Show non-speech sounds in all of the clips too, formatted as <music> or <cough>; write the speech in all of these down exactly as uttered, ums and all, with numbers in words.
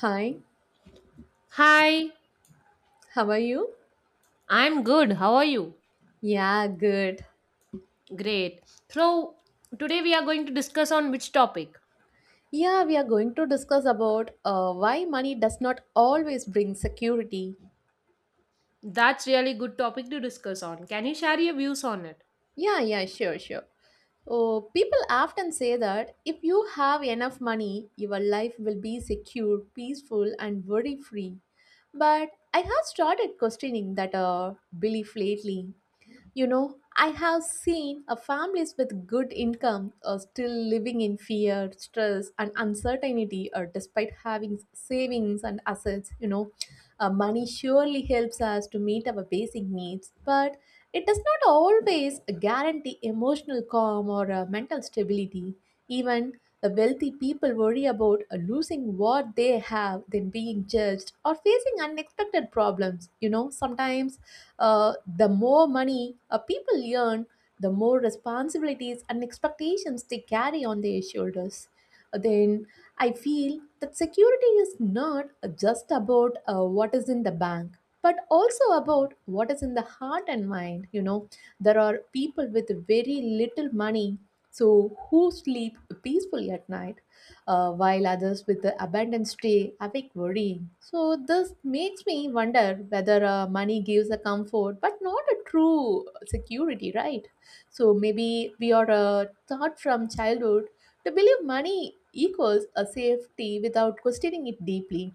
Hi, Hi, how are you? I'm good. How are you? Yeah, good. Great. So, today we are going to discuss on which topic? Yeah, we are going to discuss about uh, why money does not always bring security. That's really good topic to discuss on. Can you share your views on it? Yeah, yeah, sure, sure. Oh, people often say that if you have enough money, your life will be secure, peaceful, and worry free. But I have started questioning that uh, belief lately. You know, I have seen a families with good income are still living in fear, stress, and uncertainty, or despite having savings and assets. You know, uh, money surely helps us to meet our basic needs, but it does not always guarantee emotional calm or uh, mental stability. Even the wealthy people worry about uh, losing what they have, then being judged, or facing unexpected problems. You know, sometimes uh, the more money a people earn, the more responsibilities and expectations they carry on their shoulders. Then I feel that security is not just about uh, what is in the bank, but also about what is in the heart and mind. You know, there are people with very little money, so who sleep peacefully at night uh, while others with the abundance stay awake worrying. So, this makes me wonder whether uh, money gives a comfort but not a true security, right? So, maybe we are uh, taught from childhood to believe money equals a safety without questioning it deeply.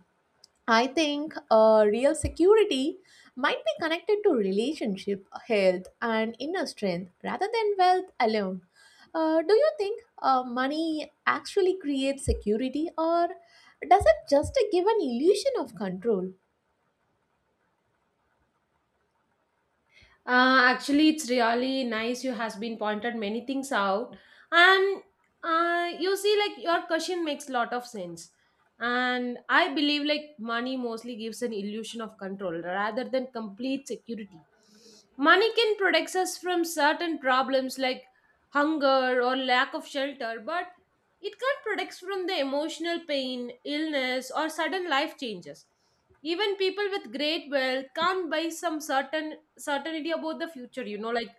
I think uh, real security might be connected to relationship, health, and inner strength rather than wealth alone. Uh, do you think uh, money actually creates security, or does it just give an illusion of control? Uh, actually, it's really nice. You has been pointed many things out, and uh, you see, like your question makes lot of sense. And I believe like money mostly gives an illusion of control rather than complete security. Money can protect us from certain problems like hunger or lack of shelter, but it can't protect from the emotional pain, illness, or sudden life changes. Even people with great wealth can't buy some certain certainty about the future, you know, like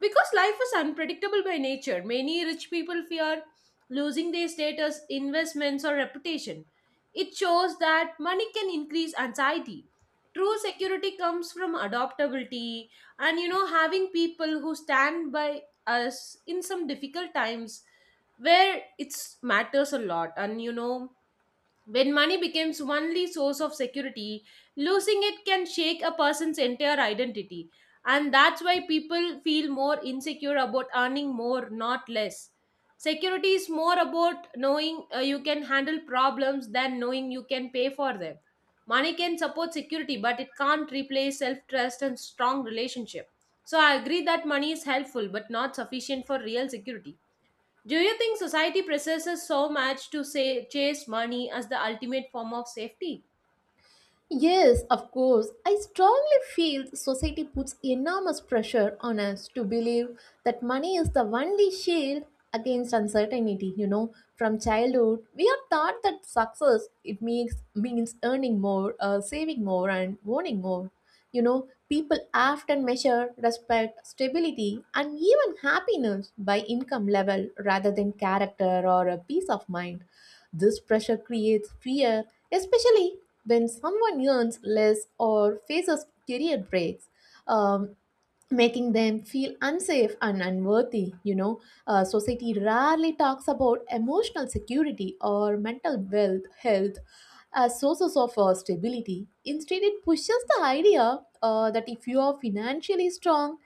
because life is unpredictable by nature. Many rich people fear losing their status, investments, or reputation. It shows that money can increase anxiety. True security comes from adaptability and, you know, having people who stand by us in some difficult times where it matters a lot. And, you know, when money becomes only source of security, losing it can shake a person's entire identity. And that's why people feel more insecure about earning more, not less. Security is more about knowing uh, you can handle problems than knowing you can pay for them. Money can support security, but it can't replace self trust and strong relationship. So I agree that money is helpful, but not sufficient for real security. Do you think society presses so much to say chase money as the ultimate form of safety? Yes, of course. I strongly feel society puts enormous pressure on us to believe that money is the only shield against uncertainty, you know. From childhood, we are taught that success it means means earning more, uh, saving more and owning more. You know, people often measure respect, stability and even happiness by income level rather than character or a peace of mind. This pressure creates fear especially when someone earns less or faces career breaks, um, making them feel unsafe and unworthy. You know uh, society rarely talks about emotional security or mental wealth health as sources of uh, stability. Instead, it pushes the idea uh, that if you are financially strong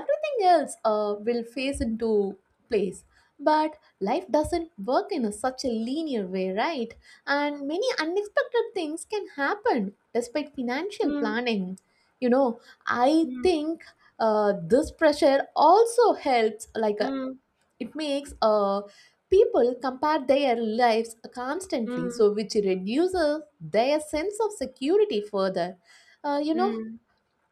everything else uh, will face into place, but life doesn't work in a, such a linear way, right? And many unexpected things can happen despite financial Mm, planning you know I mm, think uh, this pressure also helps like uh, mm, it makes uh, people compare their lives constantly mm, so which reduces their sense of security further. uh, you know mm,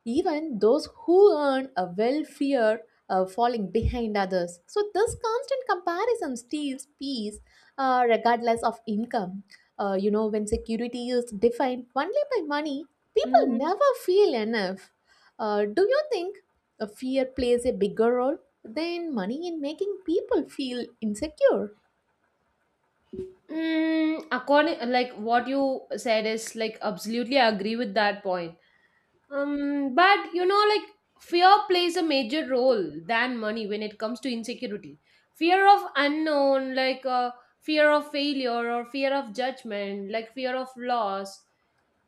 Even those who earn a well fear uh, falling behind others. So, this constant comparison steals peace uh, regardless of income. Uh, you know, when security is defined only by money, people Mm, never feel enough. Uh, do you think uh, fear plays a bigger role than money in making people feel insecure? mm, according like what you said is like absolutely I agree with that point. Um, but you know, like fear plays a major role than money when it comes to insecurity. Fear of unknown, like uh, fear of failure or fear of judgment, like fear of loss.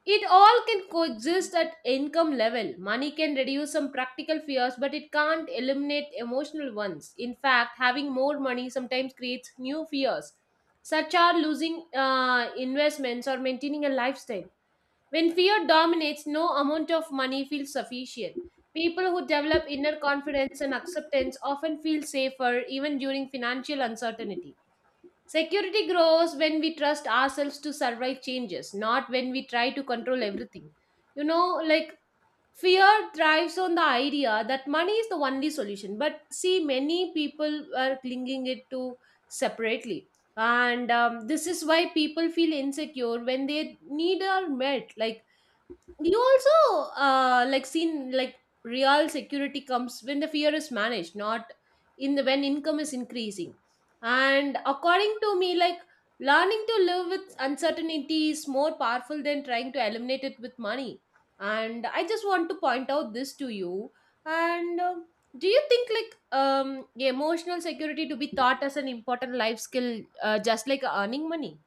It all can coexist at income level. Money can reduce some practical fears, but it can't eliminate emotional ones. In fact, having more money sometimes creates new fears, such as losing uh, investments or maintaining a lifestyle. When fear dominates, no amount of money feels sufficient. People who develop inner confidence and acceptance often feel safer even during financial uncertainty. Security grows when we trust ourselves to survive changes, not when we try to control everything. You know, like fear thrives on the idea that money is the only solution. But see, many people are clinging it to separately. And um, this is why people feel insecure when they need are met. Like you also uh, like seen like real security comes when the fear is managed, not in the when income is increasing. And according to me, like learning to live with uncertainty is more powerful than trying to eliminate it with money. And I just want to point out this to you. And um do you think like um emotional security to be taught as an important life skill, uh, just like earning money?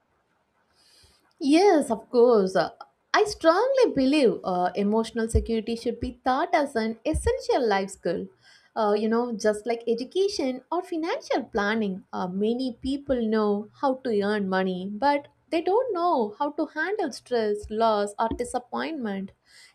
Yes, of course. Uh, I strongly believe uh, emotional security should be taught as an essential life skill. Uh, you know, just like education or financial planning, uh, many people know how to earn money, but they don't know how to handle stress, loss, or disappointment.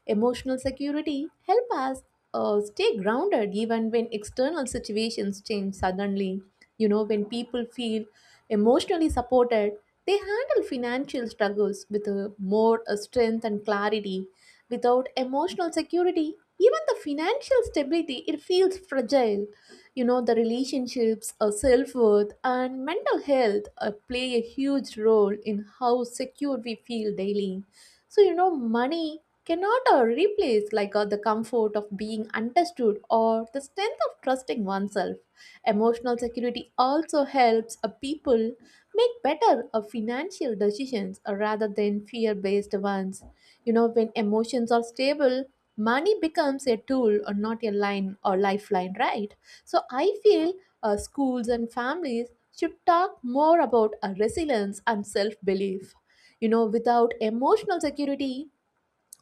Emotional security help us uh, stay grounded even when external situations change suddenly. You know, when people feel emotionally supported, they handle financial struggles with a more uh, strength and clarity. Without emotional security, even the financial stability it feels fragile. You know the relationships, uh, self worth, and mental health uh, play a huge role in how secure we feel daily. So you know money cannot uh, replace like uh, the comfort of being understood or the strength of trusting oneself. Emotional security also helps a people make better uh, financial decisions uh, rather than fear based ones. You know, when emotions are stable, money becomes a tool or not a line or lifeline, right? So I feel uh, schools and families should talk more about uh, resilience and self belief. You know, without emotional security,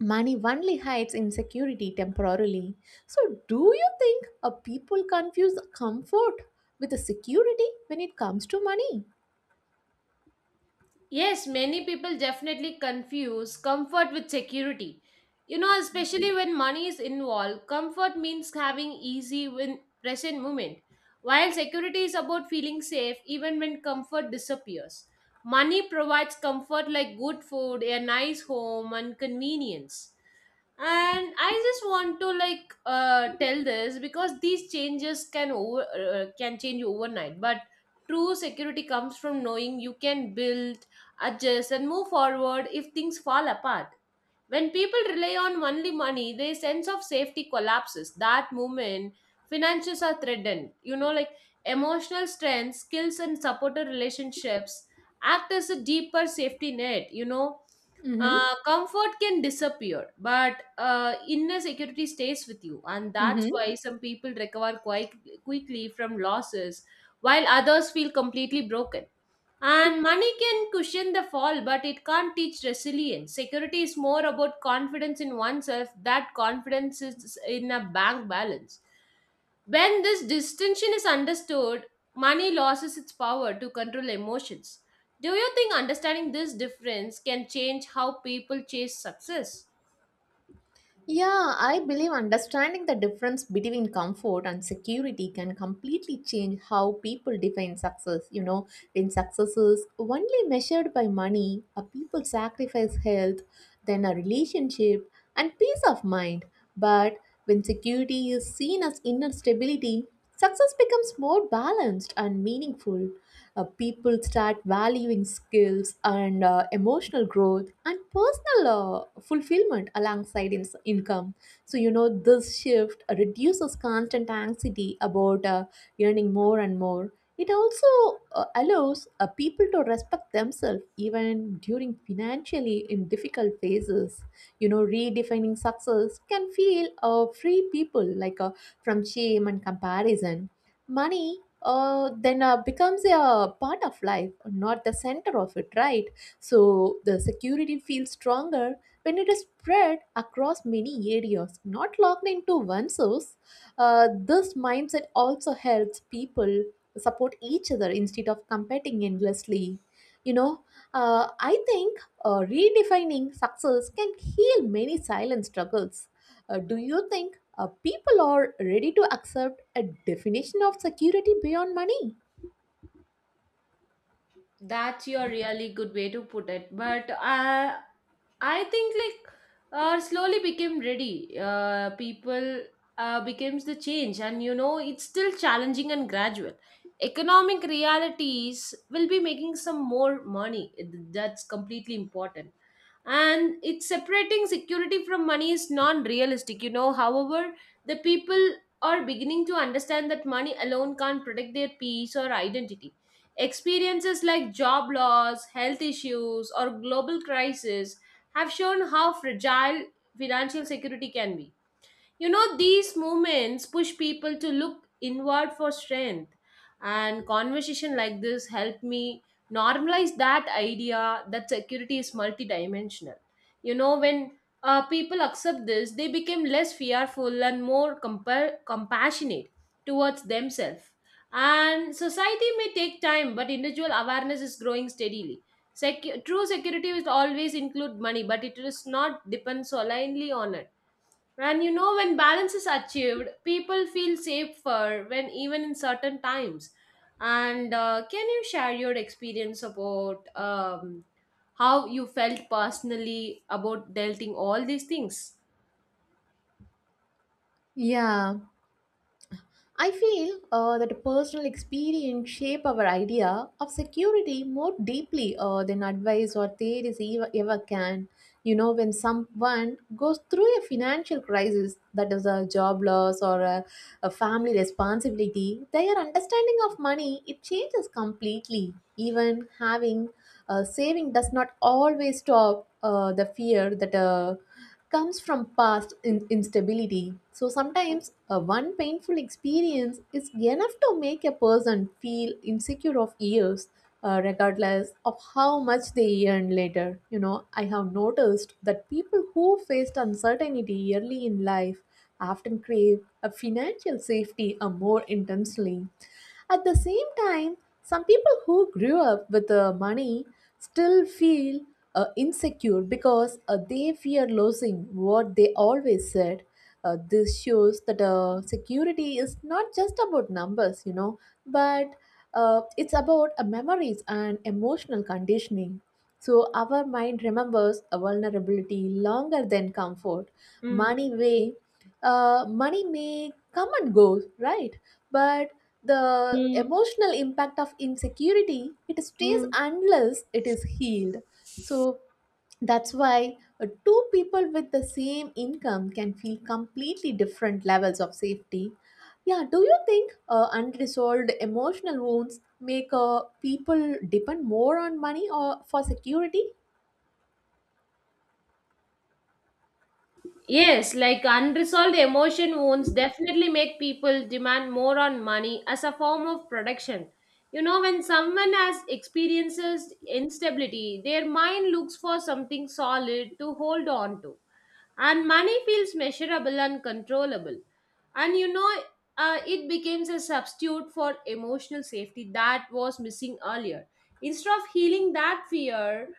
money only hides insecurity temporarily. So, do you think a people confuse comfort with a security when it comes to money? Yes, many people definitely confuse comfort with security. You know, especially when money is involved, comfort means having easy when present moment, while security is about feeling safe even when comfort disappears. Money provides comfort like good food, a nice home, and convenience. And I just want to like uh, tell this because these changes can over uh, can change overnight, but true security comes from knowing you can build adjust, and move forward if things fall apart. When people rely on only money, their sense of safety collapses. That moment, finances are threatened. You know, like emotional strength, skills, and supportive relationships act as a deeper safety net. You know, Mm-hmm. Uh, comfort can disappear, but uh, inner security stays with you, and that's Mm-hmm. why some people recover quite quickly from losses, while others feel completely broken. And money can cushion the fall, but it can't teach resilience. Security is more about confidence in oneself. That confidence is in a bank balance. When this distinction is understood, money loses its power to control emotions. Do you think understanding this difference can change how people chase success? Yeah, I believe understanding the difference between comfort and security can completely change how people define success. You know, when success is only measured by money, a people sacrifice health, then a relationship, and peace of mind. But when security is seen as inner stability, success becomes more balanced and meaningful. Uh, people start valuing skills and uh, emotional growth and personal uh, fulfillment alongside in- income. So, you know, this shift reduces constant anxiety about uh, earning more and more. It also uh, allows uh, people to respect themselves even during financially in difficult phases. You know, redefining success can feel uh, free people like uh, from shame and comparison. Money uh, then uh, becomes a part of life, not the center of it, right? So the security feels stronger when it is spread across many areas, not locked into one source. Uh, this mindset also helps people support each other instead of competing endlessly. you know uh, I think uh, redefining success can heal many silent struggles. Uh, do you think uh, people are ready to accept a definition of security beyond money? That's your really good way to put it. But uh, I think like uh, slowly became ready. Uh, people uh, becomes the change, and you know it's still challenging and gradual. Economic realities will be making some more money. That's completely important and it's separating security from money is non-realistic you know However, the people are beginning to understand that money alone can't protect their peace or identity. Experiences like job loss, health issues, or global crisis have shown how fragile financial security can be. You know, these moments push people to look inward for strength, and conversation like this help me normalize that idea that security is multidimensional. You know, when uh, people accept this, they become less fearful and more compa- compassionate towards themselves. And society may take time, but individual awareness is growing steadily. Secu- true security will always include money, but it is not depend solely on it. And you know, when balance is achieved, people feel safer when even in certain times. And uh, can you share your experience about um, how you felt personally about delting all these things? Yeah, I feel uh, that personal experience shape our idea of security more deeply uh, than advice or theories ever, ever can. You know, when someone goes through a financial crisis, that is a job loss or a a family responsibility, their understanding of money it changes completely. Even having a saving does not always stop uh, the fear that uh, comes from past in- instability. So sometimes uh, one painful experience is enough to make a person feel insecure of years uh, regardless of how much they earn later. You know, I have noticed that people who faced uncertainty early in life often crave a financial safety uh, more intensely. At the same time, some people who grew up with uh, money still feel uh, insecure because uh, they fear losing what they always said. Uh, this shows that uh, security is not just about numbers, you know, but uh, it's about uh, memories and emotional conditioning. So, our mind remembers a vulnerability longer than comfort. Mm, Money way, uh, money may come and go, right? But the mm, emotional impact of insecurity it stays mm. unless it is healed. So that's why uh, two people with the same income can feel completely different levels of safety. Yeah, do you think uh, unresolved emotional wounds make uh, people depend more on money or for security? Yes, like unresolved emotion wounds definitely make people demand more on money as a form of protection. You know, when someone has experiences instability, their mind looks for something solid to hold on to, and money feels measurable and controllable. And you know, uh, it becomes a substitute for emotional safety that was missing earlier. Instead of healing that fear,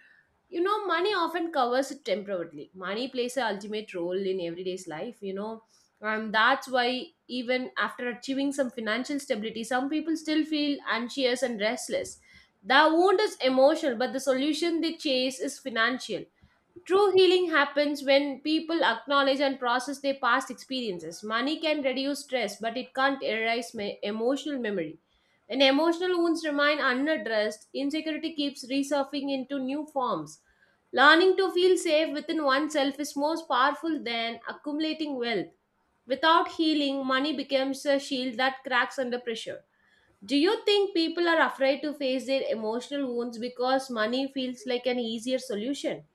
you know, money often covers it temporarily. Money plays a ultimate role in everyday's life, you know, and that's why even after achieving some financial stability, some people still feel anxious and restless. The wound is emotional, but the solution they chase is financial. True healing happens when people acknowledge and process their past experiences. Money can reduce stress, but it can't erase me- emotional memory. When emotional wounds remain unaddressed, insecurity keeps resurfacing into new forms. Learning to feel safe within oneself is most powerful than accumulating wealth. Without healing, money becomes a shield that cracks under pressure. Do you think people are afraid to face their emotional wounds because money feels like an easier solution?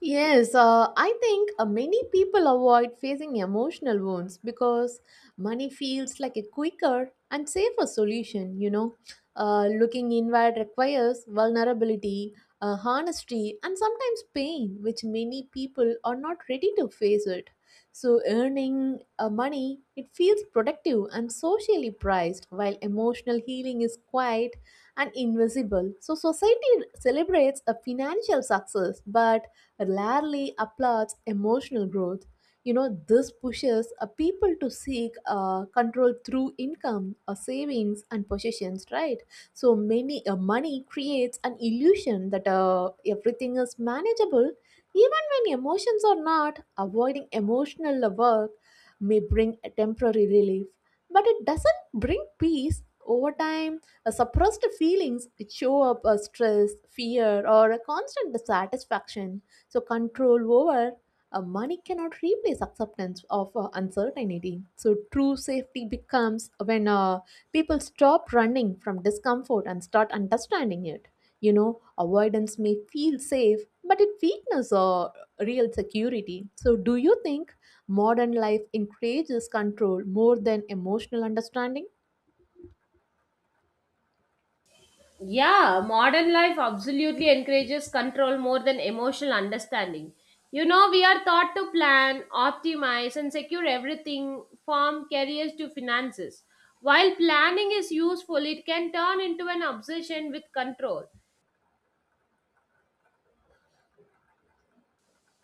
Yes, uh, I think uh, many people avoid facing emotional wounds because money feels like a quicker and safer solution, you know. Uh, looking inward requires vulnerability, uh, honesty, and sometimes pain, which many people are not ready to face it. So, earning uh, money, it feels productive and socially priced, while emotional healing is quiet and invisible. So, society celebrates a financial success, but rarely applauds emotional growth. You know, this pushes uh, people to seek uh, control through income, uh, savings, and possessions, right? So many uh, money creates an illusion that uh, everything is manageable, even when emotions are not. Avoiding emotional work may bring a temporary relief, but it doesn't bring peace over time. Uh, suppressed feelings show up as stress fear or a constant dissatisfaction. So control over uh, money cannot replace acceptance of uh, uncertainty. So true safety becomes when uh, people stop running from discomfort and start understanding it. You know, avoidance may feel safe, but it weakens our real security. So, do you think modern life encourages control more than emotional understanding? Yeah, modern life absolutely encourages control more than emotional understanding. You know, we are taught to plan, optimize, and secure everything from careers to finances. While planning is useful, it can turn into an obsession with control.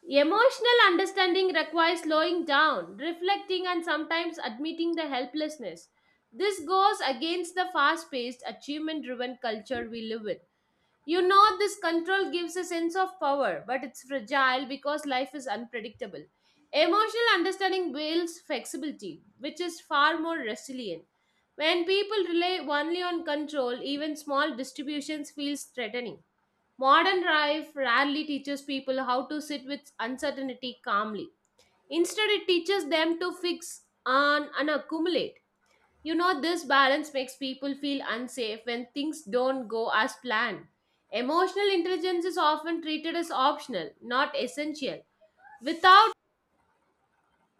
Emotional understanding requires slowing down, reflecting, and sometimes admitting the helplessness. This goes against the fast paced, achievement driven culture we live in. You know, this control gives a sense of power, but it's fragile because life is unpredictable. Emotional understanding builds flexibility, which is far more resilient. When people rely only on control, even small distributions feel threatening. Modern life rarely teaches people how to sit with uncertainty calmly. Instead, it teaches them to fix and, and accumulate. You know, this balance makes people feel unsafe when things don't go as planned. Emotional intelligence is often treated as optional, not essential. Without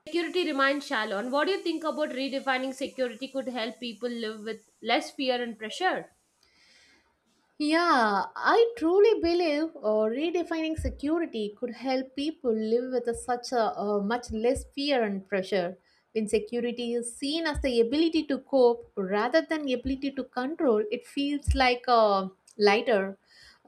security remains shallow. And what do you think about redefining security could help people live with less fear and pressure? Yeah, I truly believe uh, redefining security could help people live with a, such a uh, much less fear and pressure. When security is seen as the ability to cope rather than ability to control, it feels like uh, lighter.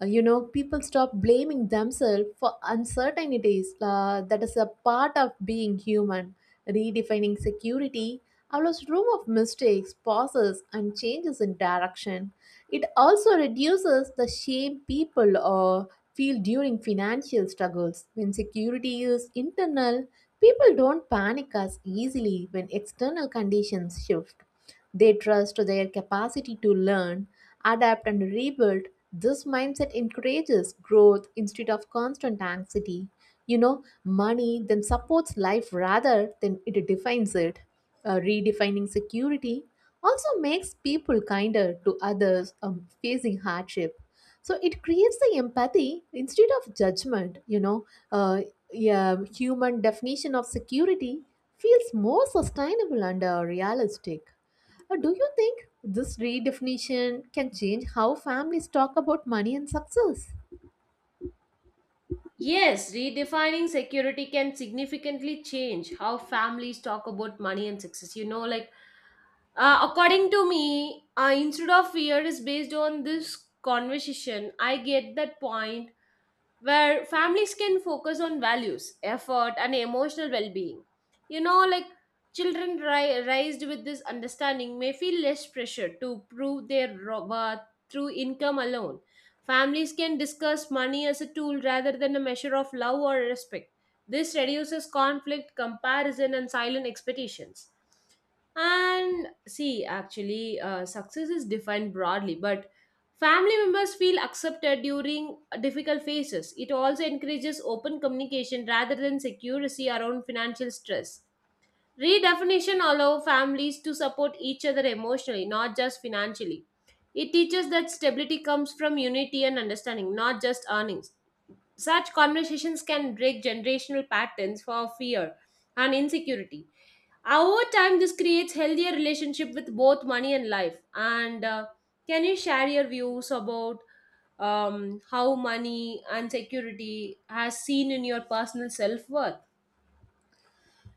Uh, you know, people stop blaming themselves for uncertainties uh, that is a part of being human. Redefining security allows room of mistakes, pauses, and changes in direction. It also reduces the shame people uh, feel during financial struggles. When security is internal, people don't panic as easily when external conditions shift. They trust their capacity to learn, adapt, and rebuild. This mindset encourages growth instead of constant anxiety. You know, money then supports life rather than it defines it. Uh, redefining security also makes people kinder to others um, facing hardship. So it creates the empathy instead of judgment. You know, uh, yeah, human definition of security feels more sustainable and uh, realistic. Uh, do you think this redefinition can change how families talk about money and success? Yes, redefining security can significantly change how families talk about money and success. You know, like uh, according to me, uh, instead of fear is based on this conversation. I get that point where families can focus on values, effort, and emotional well being. You know, like children ri- raised with this understanding may feel less pressure to prove their ro- worth through income alone. Families can discuss money as a tool rather than a measure of love or respect. This reduces conflict, comparison, and silent expectations. And see, actually, uh, success is defined broadly, but family members feel accepted during difficult phases. It also encourages open communication rather than secrecy around financial stress. Redefinition allows families to support each other emotionally, not just financially. It teaches that stability comes from unity and understanding, not just earnings. Such conversations can break generational patterns for fear and insecurity. Over time, this creates healthier relationship with both money and life. And uh, can you share your views about um, how money and security has seen in your personal self worth?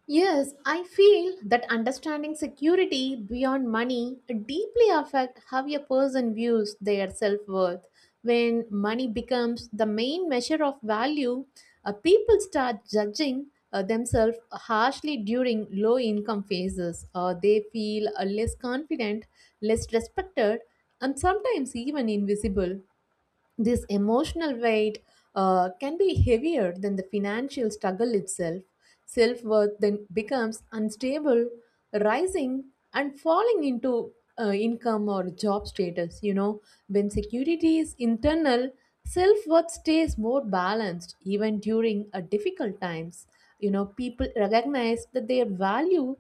Yes, I feel that understanding security beyond money deeply affect how a person views their self-worth. When money becomes the main measure of value, uh, people start judging uh, themselves harshly during low income phases. Uh, they feel uh, less confident, less respected, and sometimes even invisible. This emotional weight uh, can be heavier than the financial struggle itself. Self worth then becomes unstable, rising and falling into uh, income or job status. You know, when security is internal, self worth stays more balanced even during uh, difficult times. You know, people recognize that their value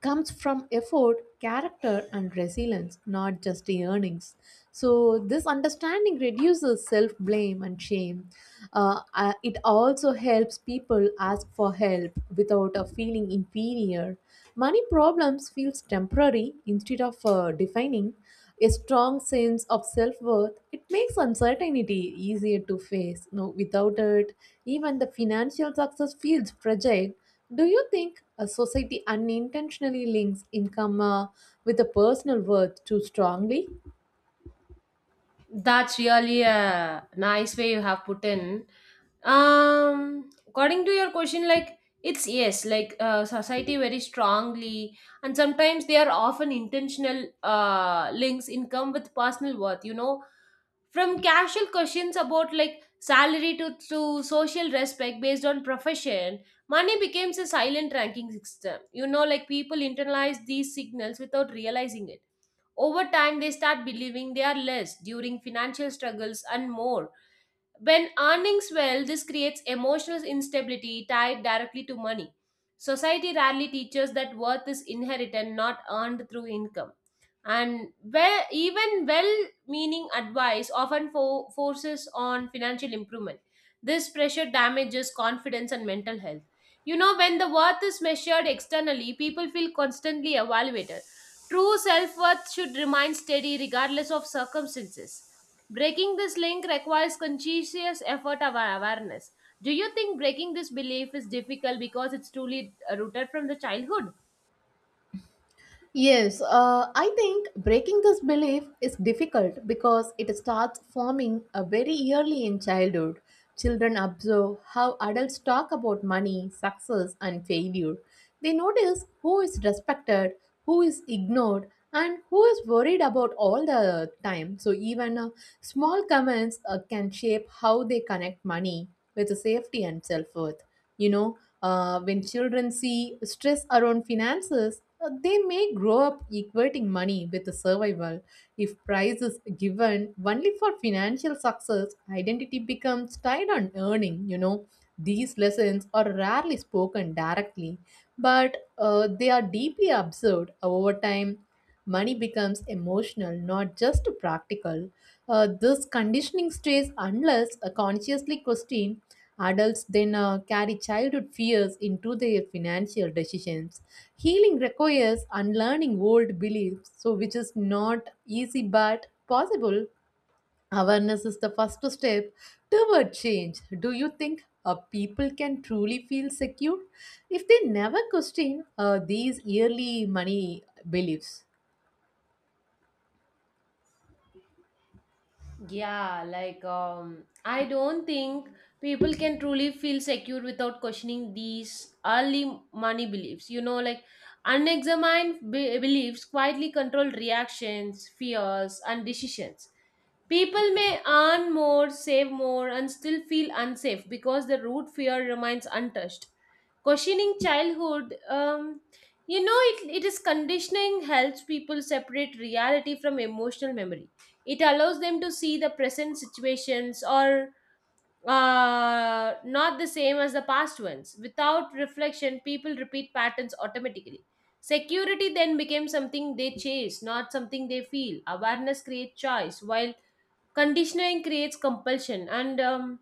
comes from effort, character, and resilience, not just the earnings. So, this understanding reduces self blame and shame. Uh, uh, it also helps people ask for help without a feeling inferior. Money problems feels temporary instead of uh, defining. A strong sense of self worth it makes uncertainty easier to face. No, without it, even the financial success feels fragile. Do you think a society unintentionally links income uh, with a personal worth too strongly? That's really a nice way you have put in. Um, according to your question, like it's yes, like uh, society very strongly, and sometimes they are often intentional uh, links income with personal worth. You know, from casual questions about like salary to to social respect based on profession, money becomes a silent ranking system. You know, like people internalize these signals without realizing it over time, they start believing they are less during financial struggles and more. When earnings well, this creates emotional instability tied directly to money. Society rarely teaches that worth is inherited, not earned through income, and where even well-meaning advice often fo- forces on financial improvement. This pressure damages confidence and mental health. You know when the worth is measured externally, people feel constantly evaluated. True self-worth should remain steady regardless of circumstances. Breaking this link requires conscientious effort of our awareness. Do you think breaking this belief is difficult because it's truly uh, rooted from the childhood? Yes, uh, I think breaking this belief is difficult because it starts forming uh, very early in childhood. Children observe how adults talk about money, success, and failure. They notice who is respected, who is ignored, and who is worried about all the time. So, even uh, small comments uh, can shape how they connect money with safety and self worth. You know, uh, when children see stress around finances, uh, they may grow up equating money with survival. If price is given only for financial success, identity becomes tied on earning. You know, these lessons are rarely spoken directly, but uh, they are deeply observed over time. Money becomes emotional, not just practical. Uh, this conditioning stays unless uh, consciously questioned. Adults then uh, carry childhood fears into their financial decisions. Healing requires unlearning old beliefs, so which is not easy but possible. Awareness is the first step toward change. Do you think uh, people can truly feel secure if they never question uh, these yearly money beliefs? Yeah, like um, I don't think people can truly feel secure without questioning these early money beliefs. You know, like unexamined be- beliefs quietly control reactions, fears, and decisions. People may earn more, save more, and still feel unsafe because the root fear remains untouched. Questioning childhood, um, you know, it, it is conditioning helps people separate reality from emotional memory. It allows them to see the present situations or uh, not the same as the past ones. Without reflection, people repeat patterns automatically. Security then becomes something they chase, not something they feel. Awareness creates choice, while conditioning creates compulsion. And um,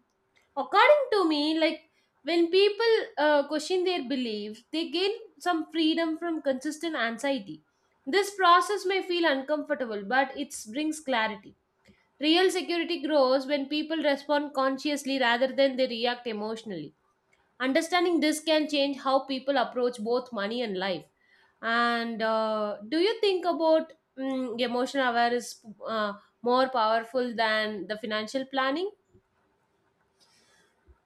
according to me, like when people uh, question their beliefs, they gain some freedom from consistent anxiety. This process may feel uncomfortable, but it brings clarity. Real security grows when people respond consciously rather than they react emotionally. Understanding this can change how people approach both money and life. And uh, do you think about mm, emotional awareness uh, more powerful than the financial planning?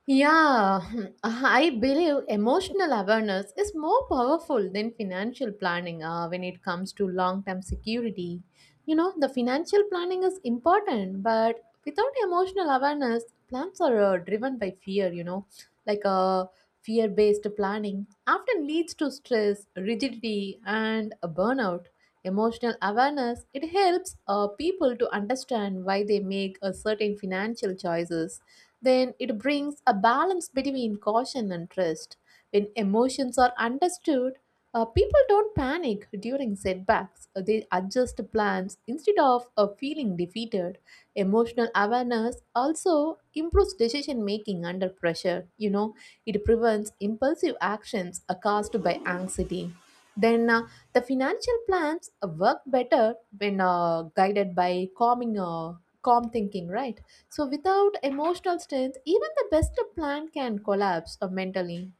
Yeah, <laughs> I believe emotional awareness is more powerful than financial planning uh, when it comes to long term security. You know, the financial planning is important, but without emotional awareness, plans are uh, driven by fear, you know, like uh, fear based planning often leads to stress, rigidity, and a burnout. Emotional awareness it helps uh, people to understand why they make a certain financial choices, then it brings a balance between caution and trust. When emotions are understood, uh, people don't panic during setbacks. Uh, They adjust plans instead of uh, feeling defeated. Emotional awareness also improves decision making under pressure. You know, it prevents impulsive actions uh, caused by anxiety. Then uh, the financial plans uh, work better when uh, guided by calming, uh, calm thinking, right? So, without emotional strength, even the best plan can collapse uh, mentally.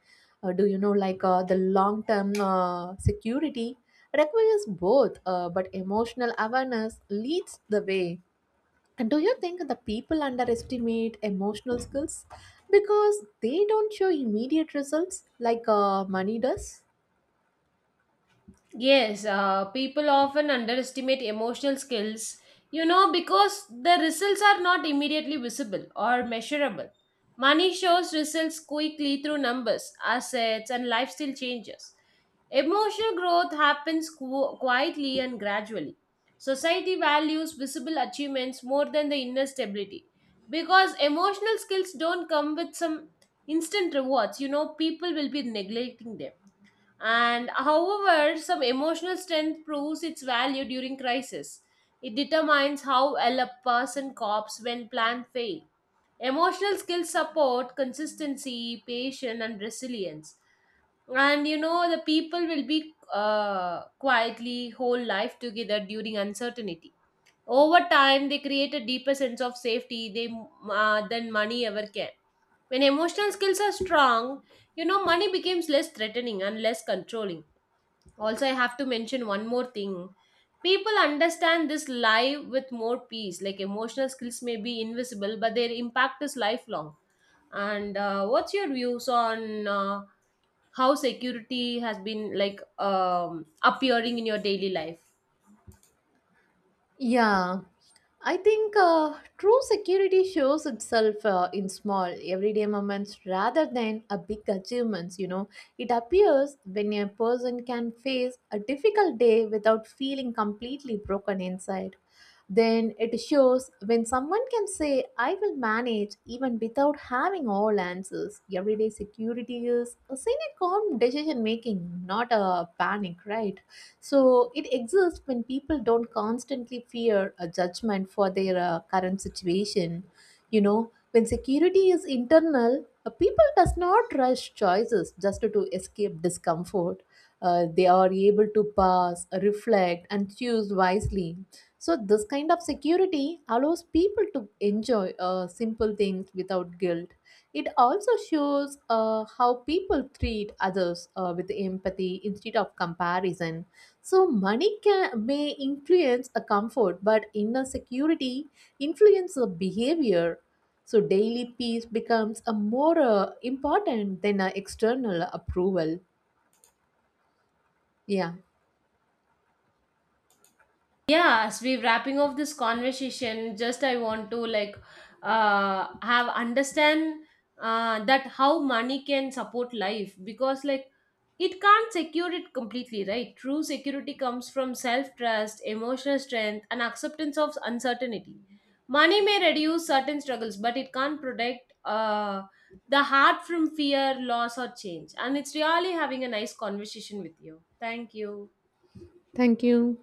Uh, do you know, like uh, the long term uh, security requires both, uh, but emotional awareness leads the way. And do you think the people underestimate emotional skills because they don't show immediate results like uh, money does? Yes, uh, people often underestimate emotional skills, you know, because the results are not immediately visible or measurable. Money shows results quickly through numbers, assets, and lifestyle changes. Emotional growth happens qu- quietly and gradually. Society values visible achievements more than the inner stability because emotional skills don't come with some instant rewards. You know, people will be neglecting them. And however, some emotional strength proves its value during crisis. It determines how well a person copes when plans fail. Emotional skills support consistency, patience, and resilience. And you know the people will be uh, quietly whole life together during uncertainty. Over time, they create a deeper sense of safety they uh, than money ever can. When emotional skills are strong, you know money becomes less threatening and less controlling. Also, I have to mention one more thing. People understand this live with more peace. Like emotional skills may be invisible, but their impact is lifelong. And uh, what's your views on uh, how security has been like um, appearing in your daily life? Yeah, I think uh, true security shows itself uh, in small, everyday moments rather than a big achievements. You know, it appears when a person can face a difficult day without feeling completely broken inside. Then it shows when someone can say, I will manage even without having all answers. Everyday security is a seen a calm decision making, not a panic, right? So it exists when people don't constantly fear a judgment for their uh, current situation. You know, when security is internal, uh, people does not rush choices just to escape discomfort. Uh, they are able to pause, reflect, and choose wisely, so this kind of security allows people to enjoy uh, simple things without guilt. It also shows uh, how people treat others uh, with empathy instead of comparison. So, money can, may influence a comfort, but inner security influences the behavior. So, daily peace becomes a more uh, important than uh, external approval. Yeah, Yeah, as we wrapping off this conversation, just I want to like uh have understand uh that how money can support life because like it can't secure it completely, right? True security comes from self-trust, emotional strength, and acceptance of uncertainty. Money may reduce certain struggles, but it can't protect uh the heart from fear, loss, or change. And it's really having a nice conversation with you. Thank you. thank you.